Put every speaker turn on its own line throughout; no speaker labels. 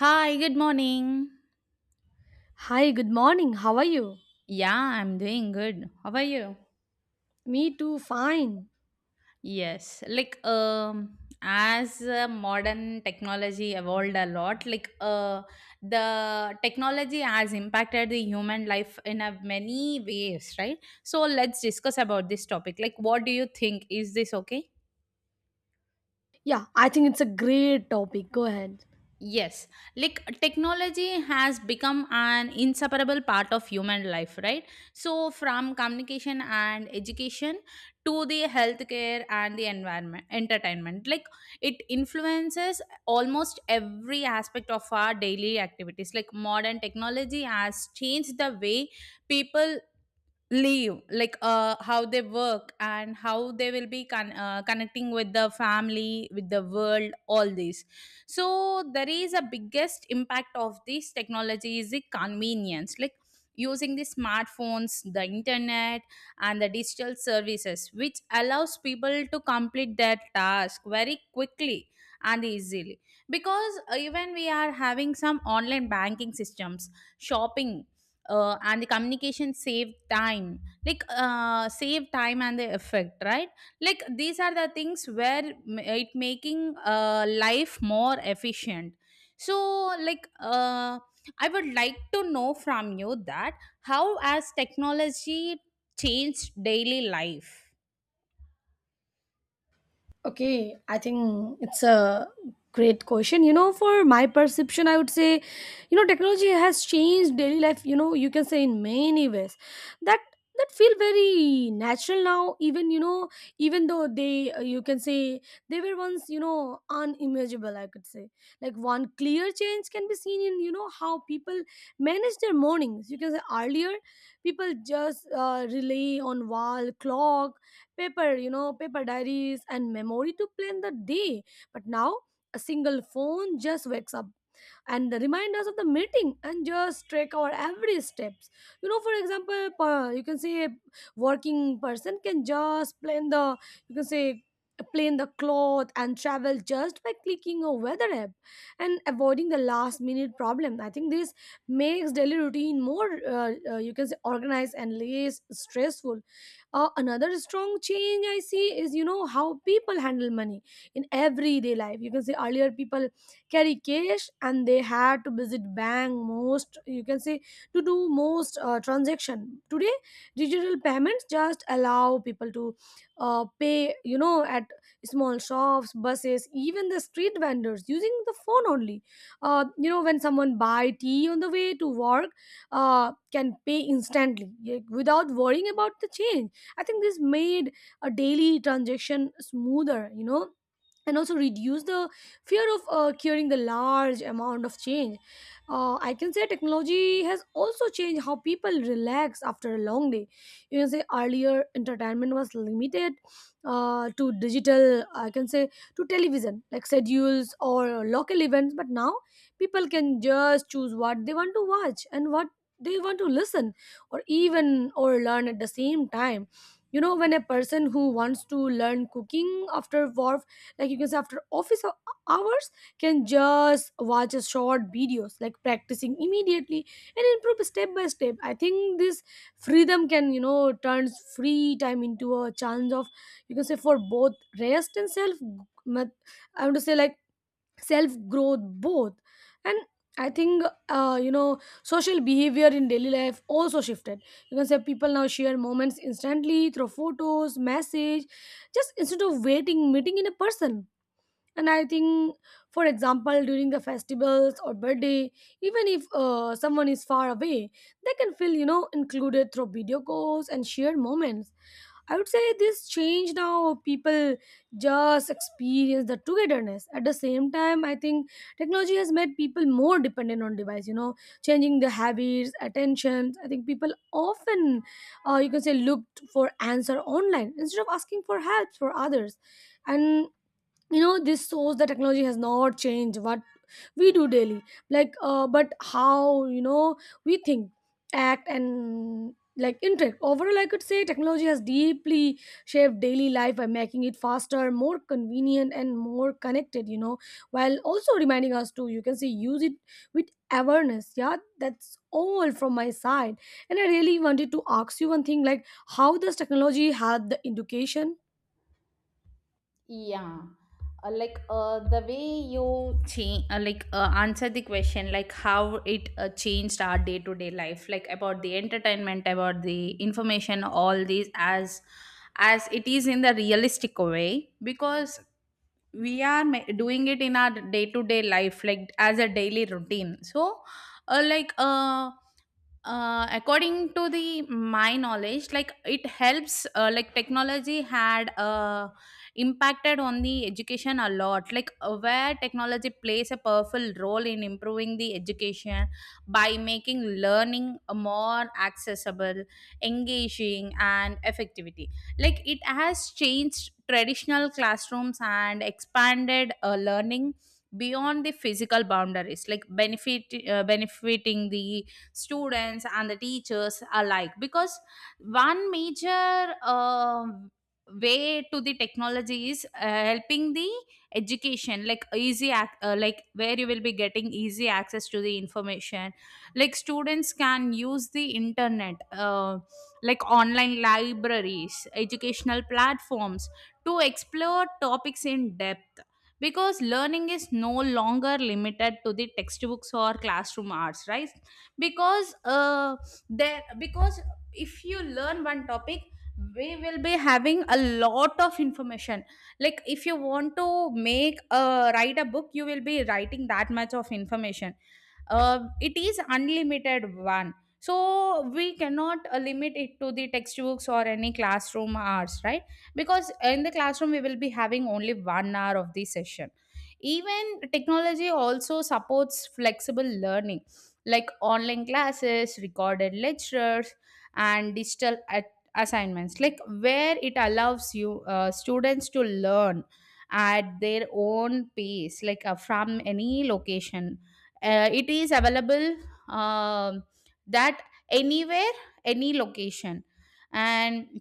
Hi, good morning.
Hi, good morning. How are you?
Yeah, I'm doing good. How are you?
Me too, fine.
Yes, like as modern technology evolved a lot, the technology has impacted the human life in a many ways, right? So let's discuss about this topic. Like what do you think? Is this okay?
Yeah, I think it's a great topic. Go ahead.
Yes, like technology has become an inseparable part of human life, right? So, from communication and education to the healthcare and the environment, entertainment, like it influences almost every aspect of our daily activities. Like modern technology has changed the way people leave how they work and how they will be connecting with the family with the world all this, so there is a biggest impact of this technology is the convenience, like using the smartphones, the internet, and the digital services, which allows people to complete their task very quickly and easily, because even we are having some online banking systems, shopping, and the communication save time, save time and the effect, right? Like these are the things where it making, life more efficient. So I would like to know from you that how has technology changed daily life.
Okay, I think it's a great question. You know, for my perception, I would say, you know, technology has changed daily life, you know, you can say in many ways. That that feel very natural now, even you know, even though they you can say they were once, you know, unimaginable, I could say. Like one clear change can be seen in, you know, how people manage their mornings. You can say earlier people just rely on wall clock, paper, you know, paper diaries and memory to plan the day. But now a single phone just wakes up, and the reminders of the meeting and just track our every steps. You know, for example, you can say a working person can just plan the, you can say, plan the cloth and travel just by clicking a weather app and avoiding the last minute problem. I think this makes daily routine more you can say organized and less stressful. Another strong change I see is, you know, how people handle money in everyday life. You can say earlier people carry cash and they had to visit bank, most you can say, to do most transaction. Today digital payments just allow people to pay, you know, at small shops, buses, even the street vendors using the phone only. You know, when someone buy tea on the way to work, can pay instantly, without worrying about the change. I think this made a daily transaction smoother, you know, and also reduce the fear of carrying the large amount of change. I can say technology has also changed how people relax after a long day. You can say earlier entertainment was limited to digital, I can say to television, like schedules or local events, but now people can just choose what they want to watch and what they want to listen, or even or learn at the same time. You know, when a person who wants to learn cooking after work, like you can say after office hours, can just watch a short videos, like practicing immediately and improve step by step. I think this freedom can, you know, turns free time into a chance of, you can say, for both rest and self mat- I want to say, like, self growth, both. And I think you know, social behavior in daily life also shifted. You can say people now share moments instantly through photos, message, just instead of waiting meeting in a person. And I think, for example, during the festivals or birthday, even if someone is far away, they can feel, you know, included through video calls and shared moments. I would say this changed how people just experience the togetherness. At the same time, I think technology has made people more dependent on device, you know, changing their habits, attentions. I think people often you can say looked for answer online instead of asking for help for others. And you know, this shows the technology has not changed what we do daily, like but how, you know, we think, act and, like, interact. Overall, I could say technology has deeply shaped daily life by making it faster, more convenient and more connected, you know, while also reminding us to, you can say, use it with awareness. Yeah, that's all from my side. And I really wanted to ask you one thing, like, how does technology help the education?
Yeah, the way you change, answer the question, like how it changed our day to day life, like about the entertainment, about the information, all these as it is in the realistic way, because we are doing it in our day to day life, like as a daily routine. So, uh, like uh according to the my knowledge, like it helps like technology had a impacted on the education a lot, where technology plays a powerful role in improving the education by making learning more accessible, engaging, and effectivity. Like it has changed traditional classrooms and expanded learning beyond the physical boundaries, like benefiting the students and the teachers alike, because one major way to the technology is helping the education, like like where you will be getting easy access to the information. Like students can use the internet, like online libraries, educational platforms, to explore topics in depth, because learning is no longer limited to the textbooks or classroom hours, right? Because there because if you learn one topic, we will be having a lot of information. Like if you want to make a write a book, you will be writing that much of information. It is unlimited one, so we cannot limit it to the textbooks or any classroom hours, right? Because in the classroom we will be having only 1 hour of the session. Even technology also supports flexible learning, like online classes, recorded lectures, and digital assignments, like where it allows you students to learn at their own pace, from any location. It is available, um that anywhere, any location. And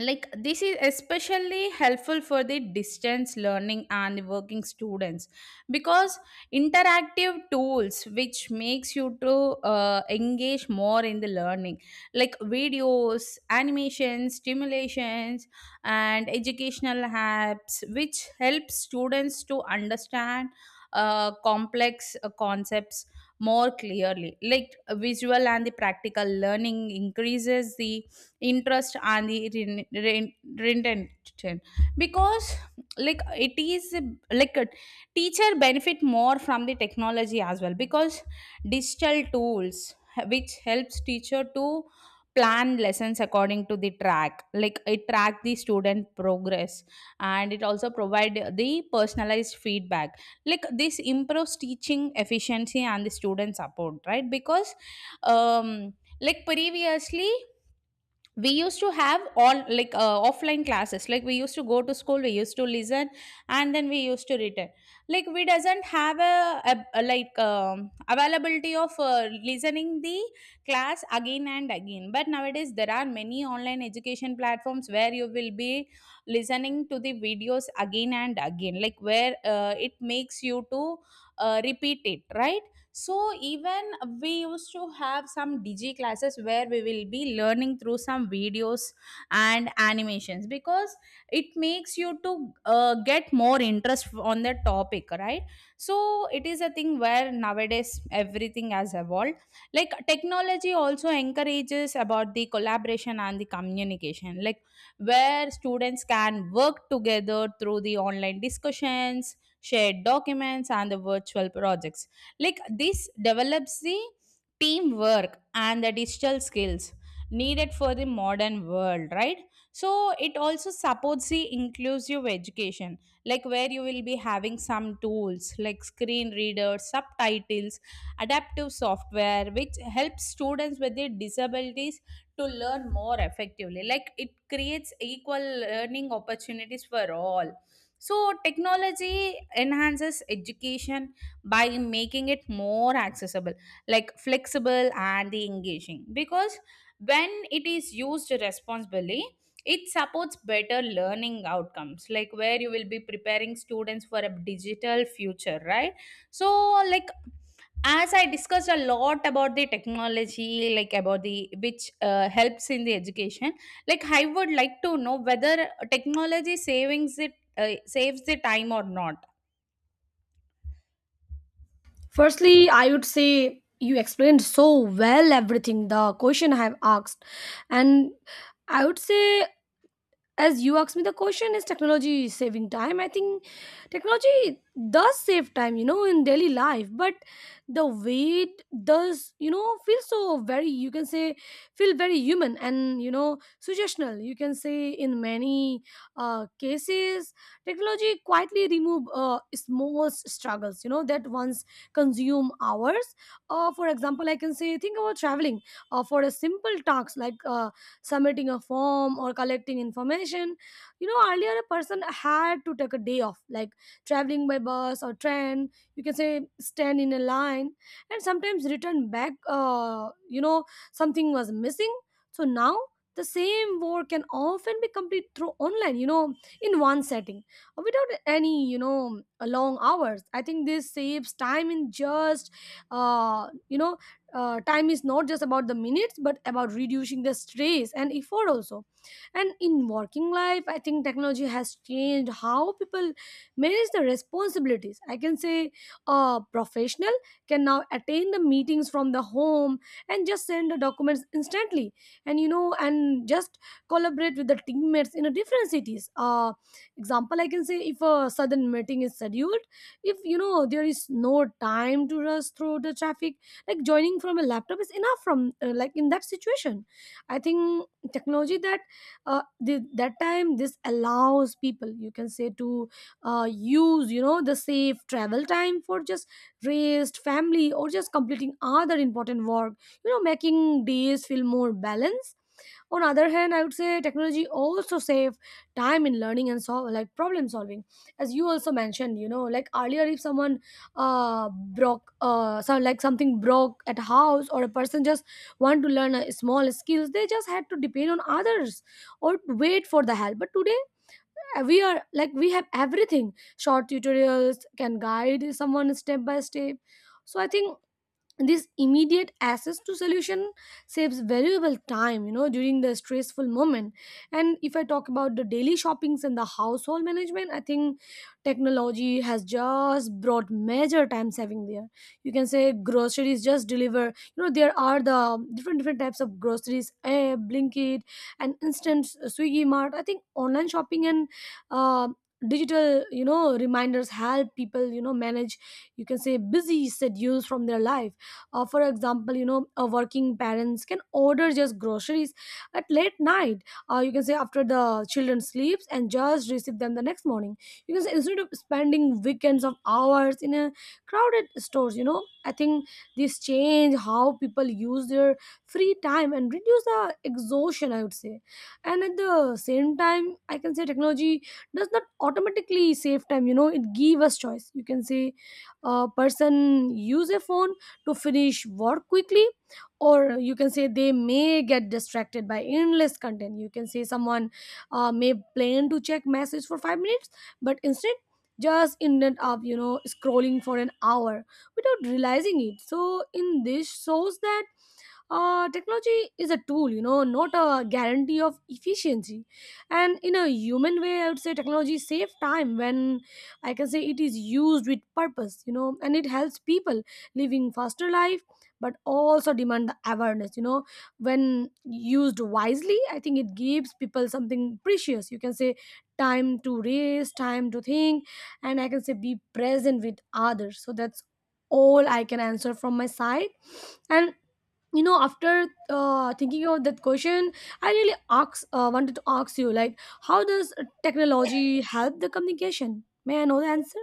like this is especially helpful for the distance learning and working students, because interactive tools which makes you to engage more in the learning, like videos, animations, stimulations, and educational apps which help students to understand complex concepts more clearly. Like visual and the practical learning increases the interest and the retention, because like it is like a teacher benefit more from the technology as well, because digital tools which helps teacher to plan lessons according to the track, like it track the student progress, and it also provide the personalized feedback. Like this improves teaching efficiency and the student support, right? Because um like previously we used to have all offline classes, like we used to go to school, we used to listen, and then we used to return. Like we doesn't have a, like availability of listening the class again and again, but nowadays there are many online education platforms where you will be listening to the videos again and again, like where it makes you to repeat it, right? So even we used to have some DJ classes where we will be learning through some videos and animations, because it makes you to get more interest on the topic, right? So it is a thing where nowadays everything has evolved. Like technology also encourages about the collaboration and the communication, like where students can work together through the online discussions, shared documents, and the virtual projects. Like this develops the teamwork and the digital skills needed for the modern world, right? So it also supports the inclusive education, like where you will be having some tools like screen readers, subtitles, adaptive software, which helps students with their disabilities to learn more effectively. Like it creates equal learning opportunities for all. So technology enhances education by making it more accessible, like flexible and engaging. Because when it is used responsibly, it supports better learning outcomes, like where you will be preparing students for a digital future, right? So, like as I discussed a lot about the technology, like about the which helps in the education, like I would like to know whether technology savings it saves the time or not.
Firstly, I would say you explained so well everything the question I have asked, and I would say, as you asked me the question is technology saving time. I think technology does save time, you know, in daily life, but the way it does, you know, feel so very, you can say, feel very human and, you know, suggestional, you can say. In many cases technology quietly remove small struggles, you know, that once consume hours. For example, I can say think about traveling for a simple task like submitting a form or collecting information. You know, earlier a person had to take a day off, like traveling by bus or train, you can say stand in a line and sometimes return back, you know, something was missing. So now the same work can often be complete through online, you know, in one setting, without any, you know, long hours. I think this saves time in just, you know, time is not just about the minutes but about reducing the stress and effort also. And in working life, I think technology has changed how people manage the responsibilities. I can say a professional can now attend the meetings from the home and just send the documents instantly, and you know, and just collaborate with the teammates in a different cities. Example, I can say, if a sudden meeting is scheduled, if you know there is no time to rush through the traffic, like joining from a laptop is enough from like in that situation. I think technology that time this allows people, you can say, to use, you know, the safe travel time for just rest, family or just completing other important work, you know, making days feel more balanced. On other hand, I would say technology also save time in learning and solve, like, problem solving. As you also mentioned, you know, like earlier if someone uh broke so like something broke at house, or a person just want to learn a small skills, they just had to depend on others or wait for the help. But today, we are, like, we have everything. Short tutorials can guide someone step by step. So I think this immediate access to solution saves valuable time, you know, during the stressful moment. And if I talk about the daily shoppings and the household management, I think technology has just brought major time saving there. You can say groceries just deliver, you know, there are the different types of groceries, A blinkit and instant swiggy mart. I think online shopping and uh, digital, you know, reminders help people, you know, manage, you can say, busy schedules from their life. For example, you know, working parents can order just groceries at late night, you can say after the children sleeps and just receive them the next morning, you can say, instead of spending weekends of hours in a crowded stores, you know. I think this change how people use their free time and reduce the exhaustion, I would say. And at the same time, I can say technology does not automatically save time, you know, it give us choice. You can say a person use a phone to finish work quickly, or you can say they may get distracted by endless content. You can say someone may plan to check message for 5 minutes, but instead just ended up, you know, scrolling for an hour without realizing it. So in this shows that technology is a tool, you know, not a guarantee of efficiency. And in a human way, I would say technology saves time when, I can say, it is used with purpose, you know, and it helps people living faster life, but also demand the awareness, you know. When used wisely, I think it gives people something precious. You can say time to race, time to think, and I can say be present with others. So that's all I can answer from my side. And you know after thinking of that question, I wanted to ask you, like, how does technology help the communication? May I know the answer?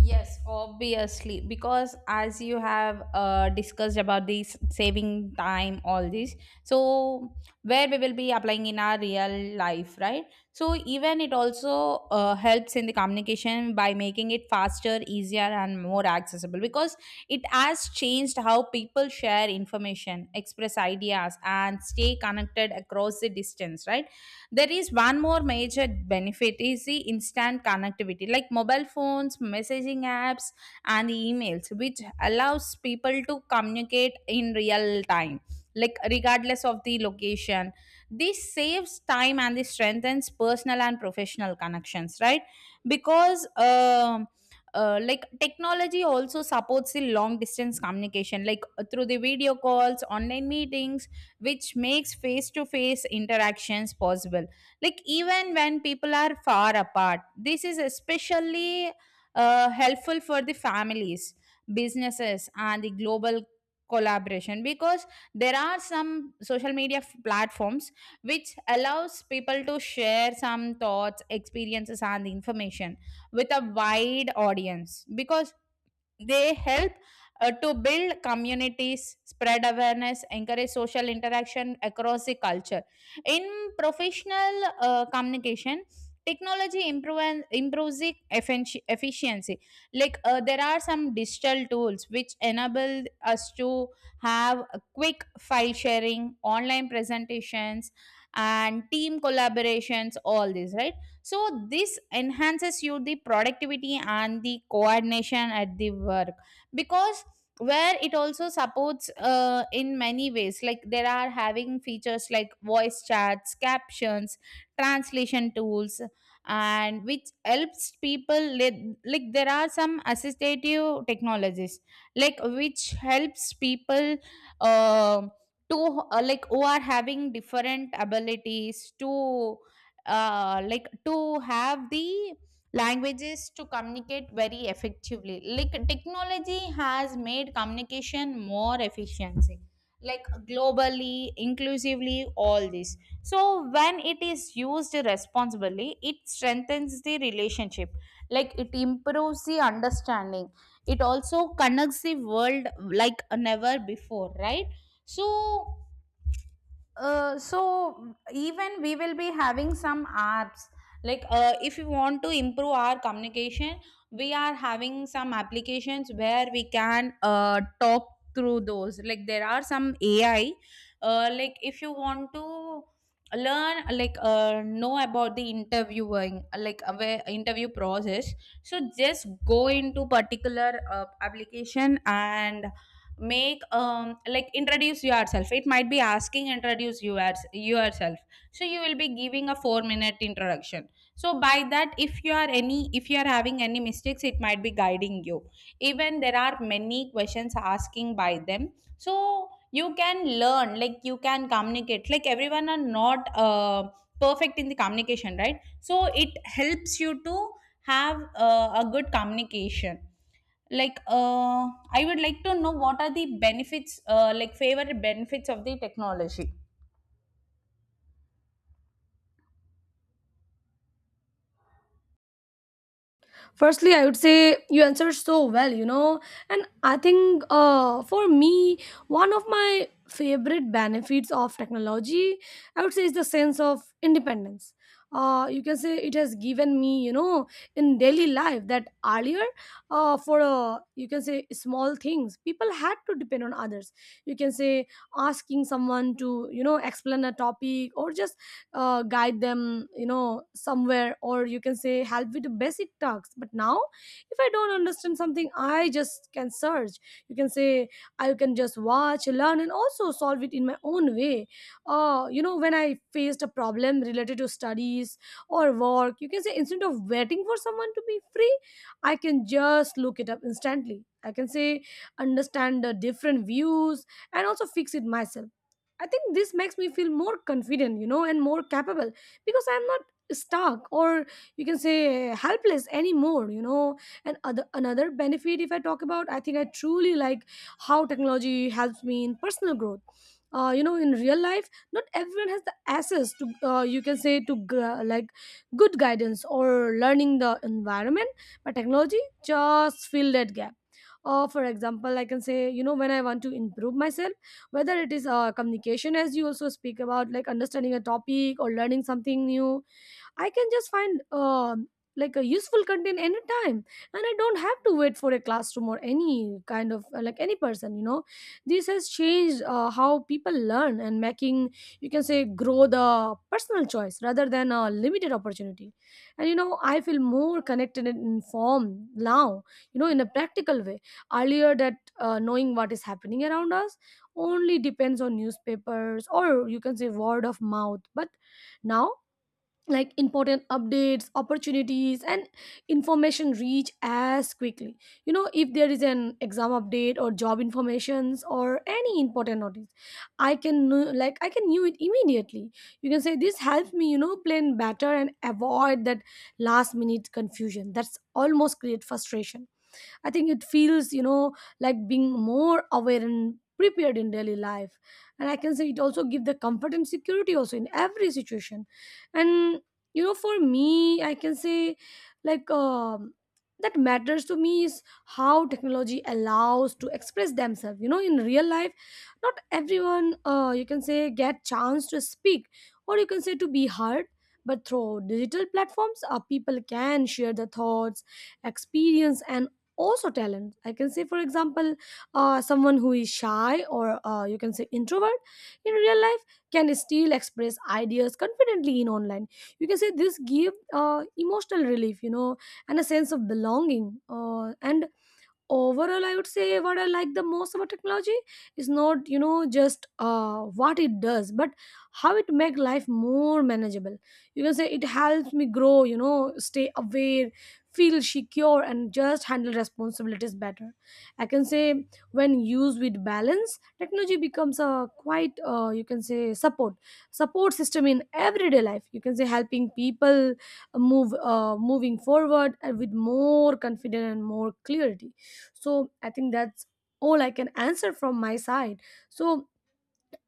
Yes, obviously, because as you have discussed about this saving time, all this, so where we will be applying in our real life, right? So even it also helps in the communication by making it faster, easier, and more accessible, because it has changed how people share information, express ideas, and stay connected across the distance, right? There is one more major benefit is the instant connectivity, like mobile phones, messaging apps, and emails, which allows people to communicate in real time, like regardless of the location. This saves time and this strengthens personal and professional connections, right? Because like technology also supports the long distance communication, through the video calls, online meetings, which makes face to face interactions possible, like even when people are far apart. This is especially helpful for the families, businesses, and the global collaboration, because there are some social media platforms which allows people to share some thoughts, experiences, and information with a wide audience, because they help to build communities, spread awareness, encourage social interaction across the culture. In professional communication, improves the efficiency. There are some digital tools which enable us to have a quick file sharing, online presentations, and team collaborations, all this, right? So this enhances you the productivity and the coordination at the work, because where it also supports in many ways, like there are having features like voice chats, captions, translation tools, and which helps people like there are some assistive technologies like which helps people uh, to like who are having different abilities to like to have the languages to communicate very effectively. Like technology has made communication more efficiency, like globally, inclusively, all this. So when it is used responsibly, it strengthens the relationship, like it improves the understanding, it also connects the world like never before, right? So so even we will be having some apps, if you want to improve our communication, we are having some applications where we can talk through those, like there are some AI, like if you want to learn like know about the interviewing, where interview process, so just go into particular application and make like introduce yourself, it might be asking introduce you as yourself, so you will be giving a 4-minute introduction. So by that, if you are any if you are having any mistakes, it might be guiding you. Even there are many questions asking by them, so you can learn, like you can communicate, like everyone are not perfect in the communication, right? So it helps you to have a good communication. like uh, I would like to know what are the benefits, like favorite benefits of the technology.
Firstly, I would say you answered so well, you know, and I think for me, one of my favorite benefits of technology, I would say, is the sense of independence. You can say it has given me, you know, in daily life that earlier, for you can say, small things, people had to depend on others. You can say asking someone to, you know, explain a topic or just guide them, you know, somewhere, or you can say help with the basic tasks. But now if I don't understand something, I just can search. You can say I can just watch, learn, and also solve it in my own way. You know, when I faced a problem related to studies or work, you can say, instead of waiting for someone to be free, I can just look it up instantly. I can say understand the different views and also fix it myself. I think this makes me feel more confident, you know, and more capable, because I'm not stuck or, you can say, helpless anymore, you know. And other another benefit, if I talk about, I think I truly like how technology helps me in personal growth. You know, in real life not everyone has the access to, you can say, to like good guidance or learning the environment, but technology just fill that gap. For example, I can say, you know, when I want to improve myself, whether it is communication, as you also speak about, like understanding a topic or learning something new, I can just find like a useful content anytime, and I don't have to wait for a classroom or any kind of like any person, you know. This has changed how people learn and making, you can say, grow the personal choice rather than a limited opportunity. And you know, I feel more connected and informed now, you know, in a practical way. Earlier that, knowing what is happening around us only depends on newspapers or, you can say, word of mouth. But now, like, important updates, opportunities, and information reach as quickly. You know, if there is an exam update or job informations or any important notice, I can know- like I can knew it immediately. You can say this helps me, you know, plan better and avoid that last minute confusion that's almost create frustration. I think it feels, you know, like being more aware and prepared in daily life, and I can say it also give the comfort and security also in every situation. And you know, for me I can say, like, that matters to me is how technology allows to express themselves. You know, in real life not everyone you can say get chance to speak or, you can say, to be heard. But through digital platforms, people can share their thoughts, experience, and also talent. I can say, for example, someone who is shy or, you can say, introvert in real life can still express ideas confidently in online. You can say this give emotional relief, you know, and a sense of belonging. And overall, I would say what I like the most about technology is not, you know, just what it does, but how it make life more manageable. You can say it helps me grow, you know, stay aware, feel secure, and just handle responsibilities better. I can say when used with balance, technology becomes a quite you can say support system in everyday life. You can say helping people move moving forward and with more confidence and more clarity. So I think that's all I can answer from my side. So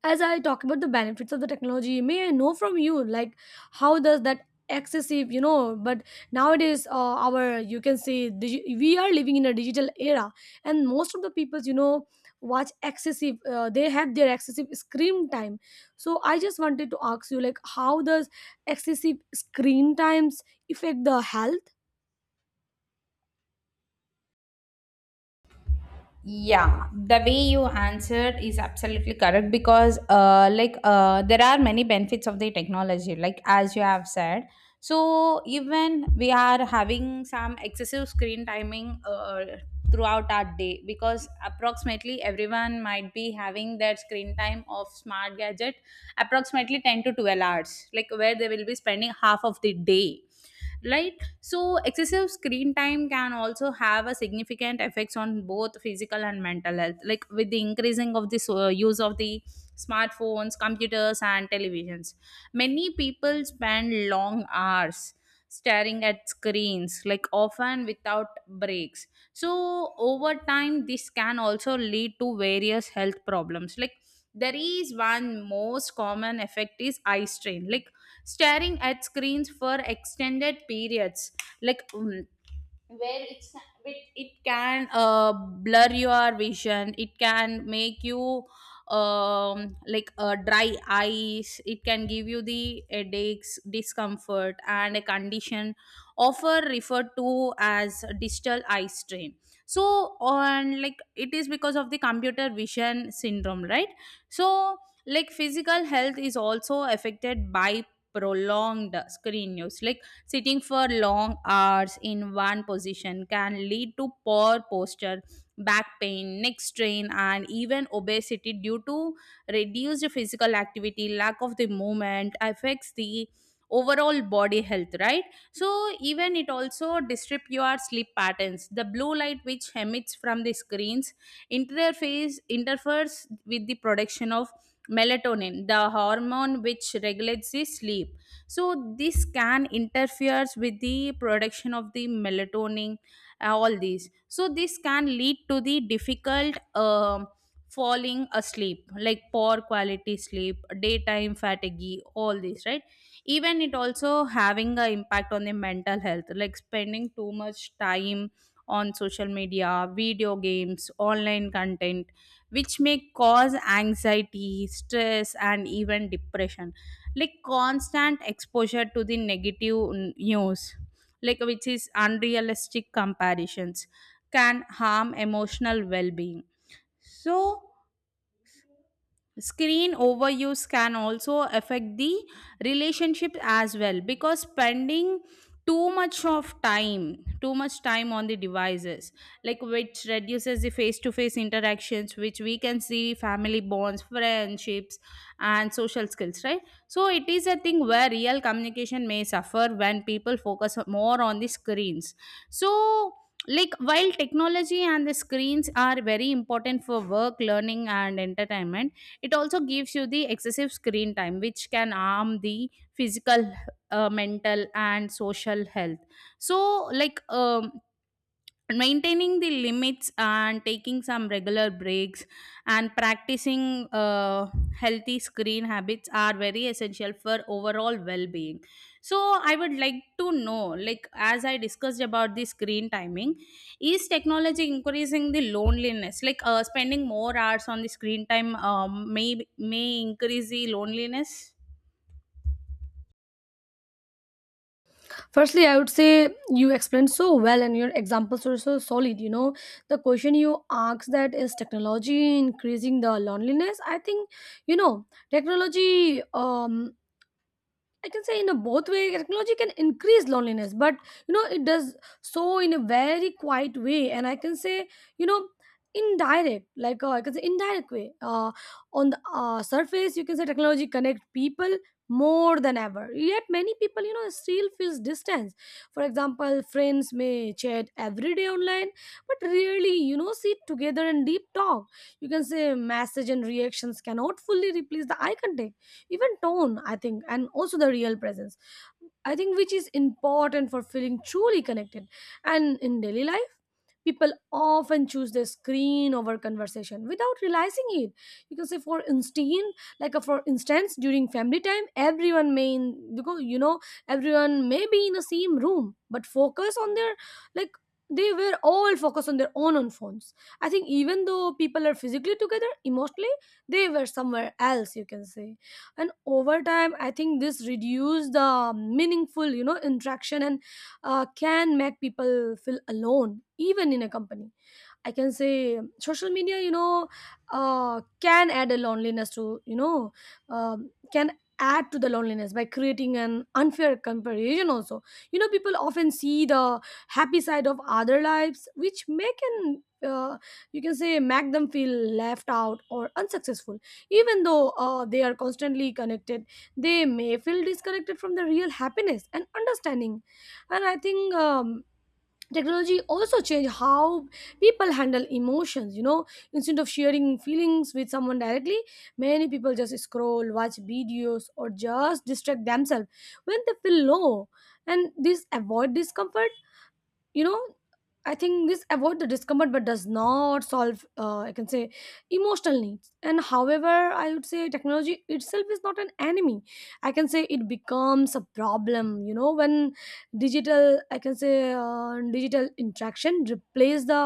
as I talk about the benefits of the technology, may I know from you, like, how does that excessive, you know? But nowadays, our, you can say, we are living in a digital era, and most of the peoples, you know, watch excessive. They have their excessive screen time. So I just wanted to ask you, like, how does excessive screen times affect the health?
Yeah, the way you answered is absolutely correct, because, there are many benefits of the technology, like, as you have said. So, even we are having some excessive screen timing throughout our day, because approximately everyone might be having their screen time of smart gadget approximately 10 to 12 hours, like, where they will be spending half of the day, right. So excessive screen time can also have a significant effects on both physical and mental health, like with the increasing of this use of the smartphones, computers and televisions, many people spend long hours staring at screens, like often without breaks. So over time this can also lead to various health problems, like there is one most common effect is eye strain, like staring at screens for extended periods, like um, where it can blur your vision, it can make you dry eyes, it can give you the headaches, discomfort, and a condition often referred to as digital eye strain, so on, like it is because of the computer vision syndrome, right. So like physical health is also affected by prolonged screen use, like sitting for long hours in one position can lead to poor posture, back pain, neck strain, and even obesity due to reduced physical activity. Lack of the movement affects the overall body health, right? So even it also disrupt your sleep patterns. The blue light which emits from the screens interface interferes with the production of melatonin, the hormone which regulates the sleep. So this can interferes with the production of the melatonin, all these. So this can lead to the difficult falling asleep, like poor quality sleep, daytime fatigue, all these, right. Even it also having an impact on the mental health, like spending too much time on social media, video games, online content, which may cause anxiety, stress and even depression, like constant exposure to the news, like which is unrealistic comparisons, can harm emotional well-being. So screen overuse can also affect the relationship as well, because spending too much time on the devices, like which reduces the face to face interactions, which we can see family bonds, friendships and social skills, right. So it is a thing where real communication may suffer when people focus more on the screens. So like while technology and the screens are very important for work, learning and entertainment, it also gives you the excessive screen time, which can harm the physical, mental, and social health. So, maintaining the limits and taking some regular breaks and practicing healthy screen habits are very essential for overall well-being. So I would like to know, like as I discussed about the screen timing, is technology increasing the loneliness, like spending more hours on the screen time may increase the loneliness.
Firstly, I would say you explained so well and your examples were so solid. You know, the question you asked, that is technology increasing the loneliness? I think, you know, technology, I can say, in a both way, technology can increase loneliness, but you know it does so in a very quiet way, and I can say, you know, indirect, like, I can say indirect way. On the surface, you can say technology connect people more than ever. Yet many people, you know, still feels distance. For example, friends may chat every day online, but rarely, you know, sit together and deep talk. You can say message and reactions cannot fully replace the eye contact, even tone, I think, and also the real presence, I think, which is important for feeling truly connected. And in daily life, people often choose their screen over conversation without realizing it. You can say, for instance, for instance, during family time, because, you know, everyone may be in the same room but focus on their, like, they were all focused on their own on phones. I think even though people are physically together, emotionally they were somewhere else, you can say. And over time I think this reduce the meaningful, you know, interaction, and can make people feel alone even in a company. I can say social media, you know, can add a loneliness to, you know, can add to the loneliness by creating an unfair comparison also. You know, people often see the happy side of other lives, which may can, uh, you can say, make them feel left out or unsuccessful. Even though they are constantly connected, they may feel disconnected from the real happiness and understanding. And I think, technology also changed how people handle emotions, you know. Instead of sharing feelings with someone directly, many people just scroll, watch videos, or just distract themselves when they feel low. And this avoid discomfort, you know, I think this avoid the discomfort but does not solve, I can say, emotional needs. And however, I would say technology itself is not an enemy. I can say it becomes a problem, you know, when digital, I can say, digital interaction replace the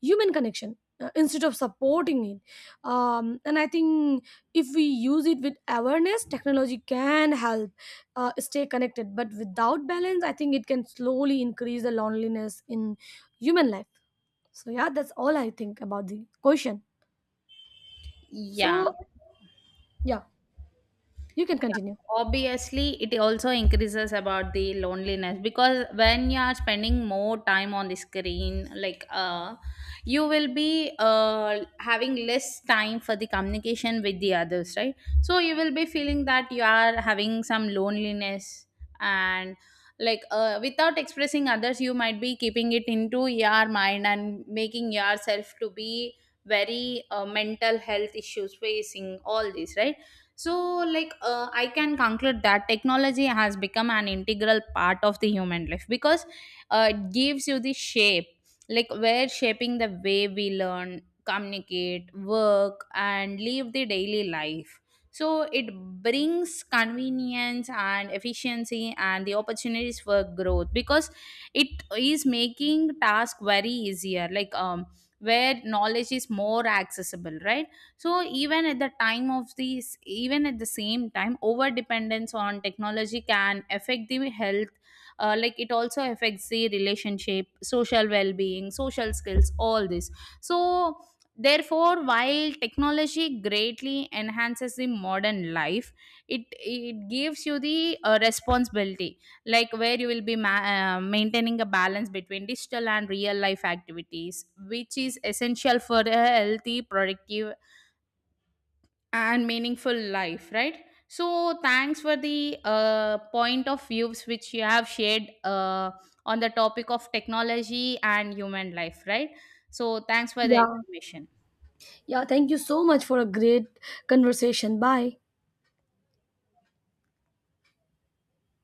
human connection, instead of supporting it. And I think if we use it with awareness, technology can help stay connected. But without balance, I think it can slowly increase the loneliness in human life. So yeah, that's all I think about the question.
Yeah.
So yeah, you can
Yeah,
continue.
obviously, it also increases about the loneliness, because when you are spending more time on the screen, like you will be having less time for the communication with the others, right? So you will be feeling that you are having some loneliness, and like without expressing others, you might be keeping it into your mind and making yourself to be very mental health issues facing all this, right. So like I can conclude that technology has become an integral part of the human life, because it gives you the shape, like we're shaping the way we learn, communicate, work and live the daily life. So it brings convenience and efficiency and the opportunities for growth, because it is making task very easier, like where knowledge is more accessible, right. So even at the time of these, even at the same time, over dependence on technology can affect the health, like it also affects the relationship, social well-being, social skills, all this. So therefore, while technology greatly enhances the modern life, it gives you the responsibility, like where you will be maintaining a balance between digital and real life activities, which is essential for a healthy, productive and meaningful life, right. So thanks for the point of views which you have shared on the topic of technology and human life, right. So thanks for the
Yeah,
information.
yeah, thank you so much for a great conversation. Bye.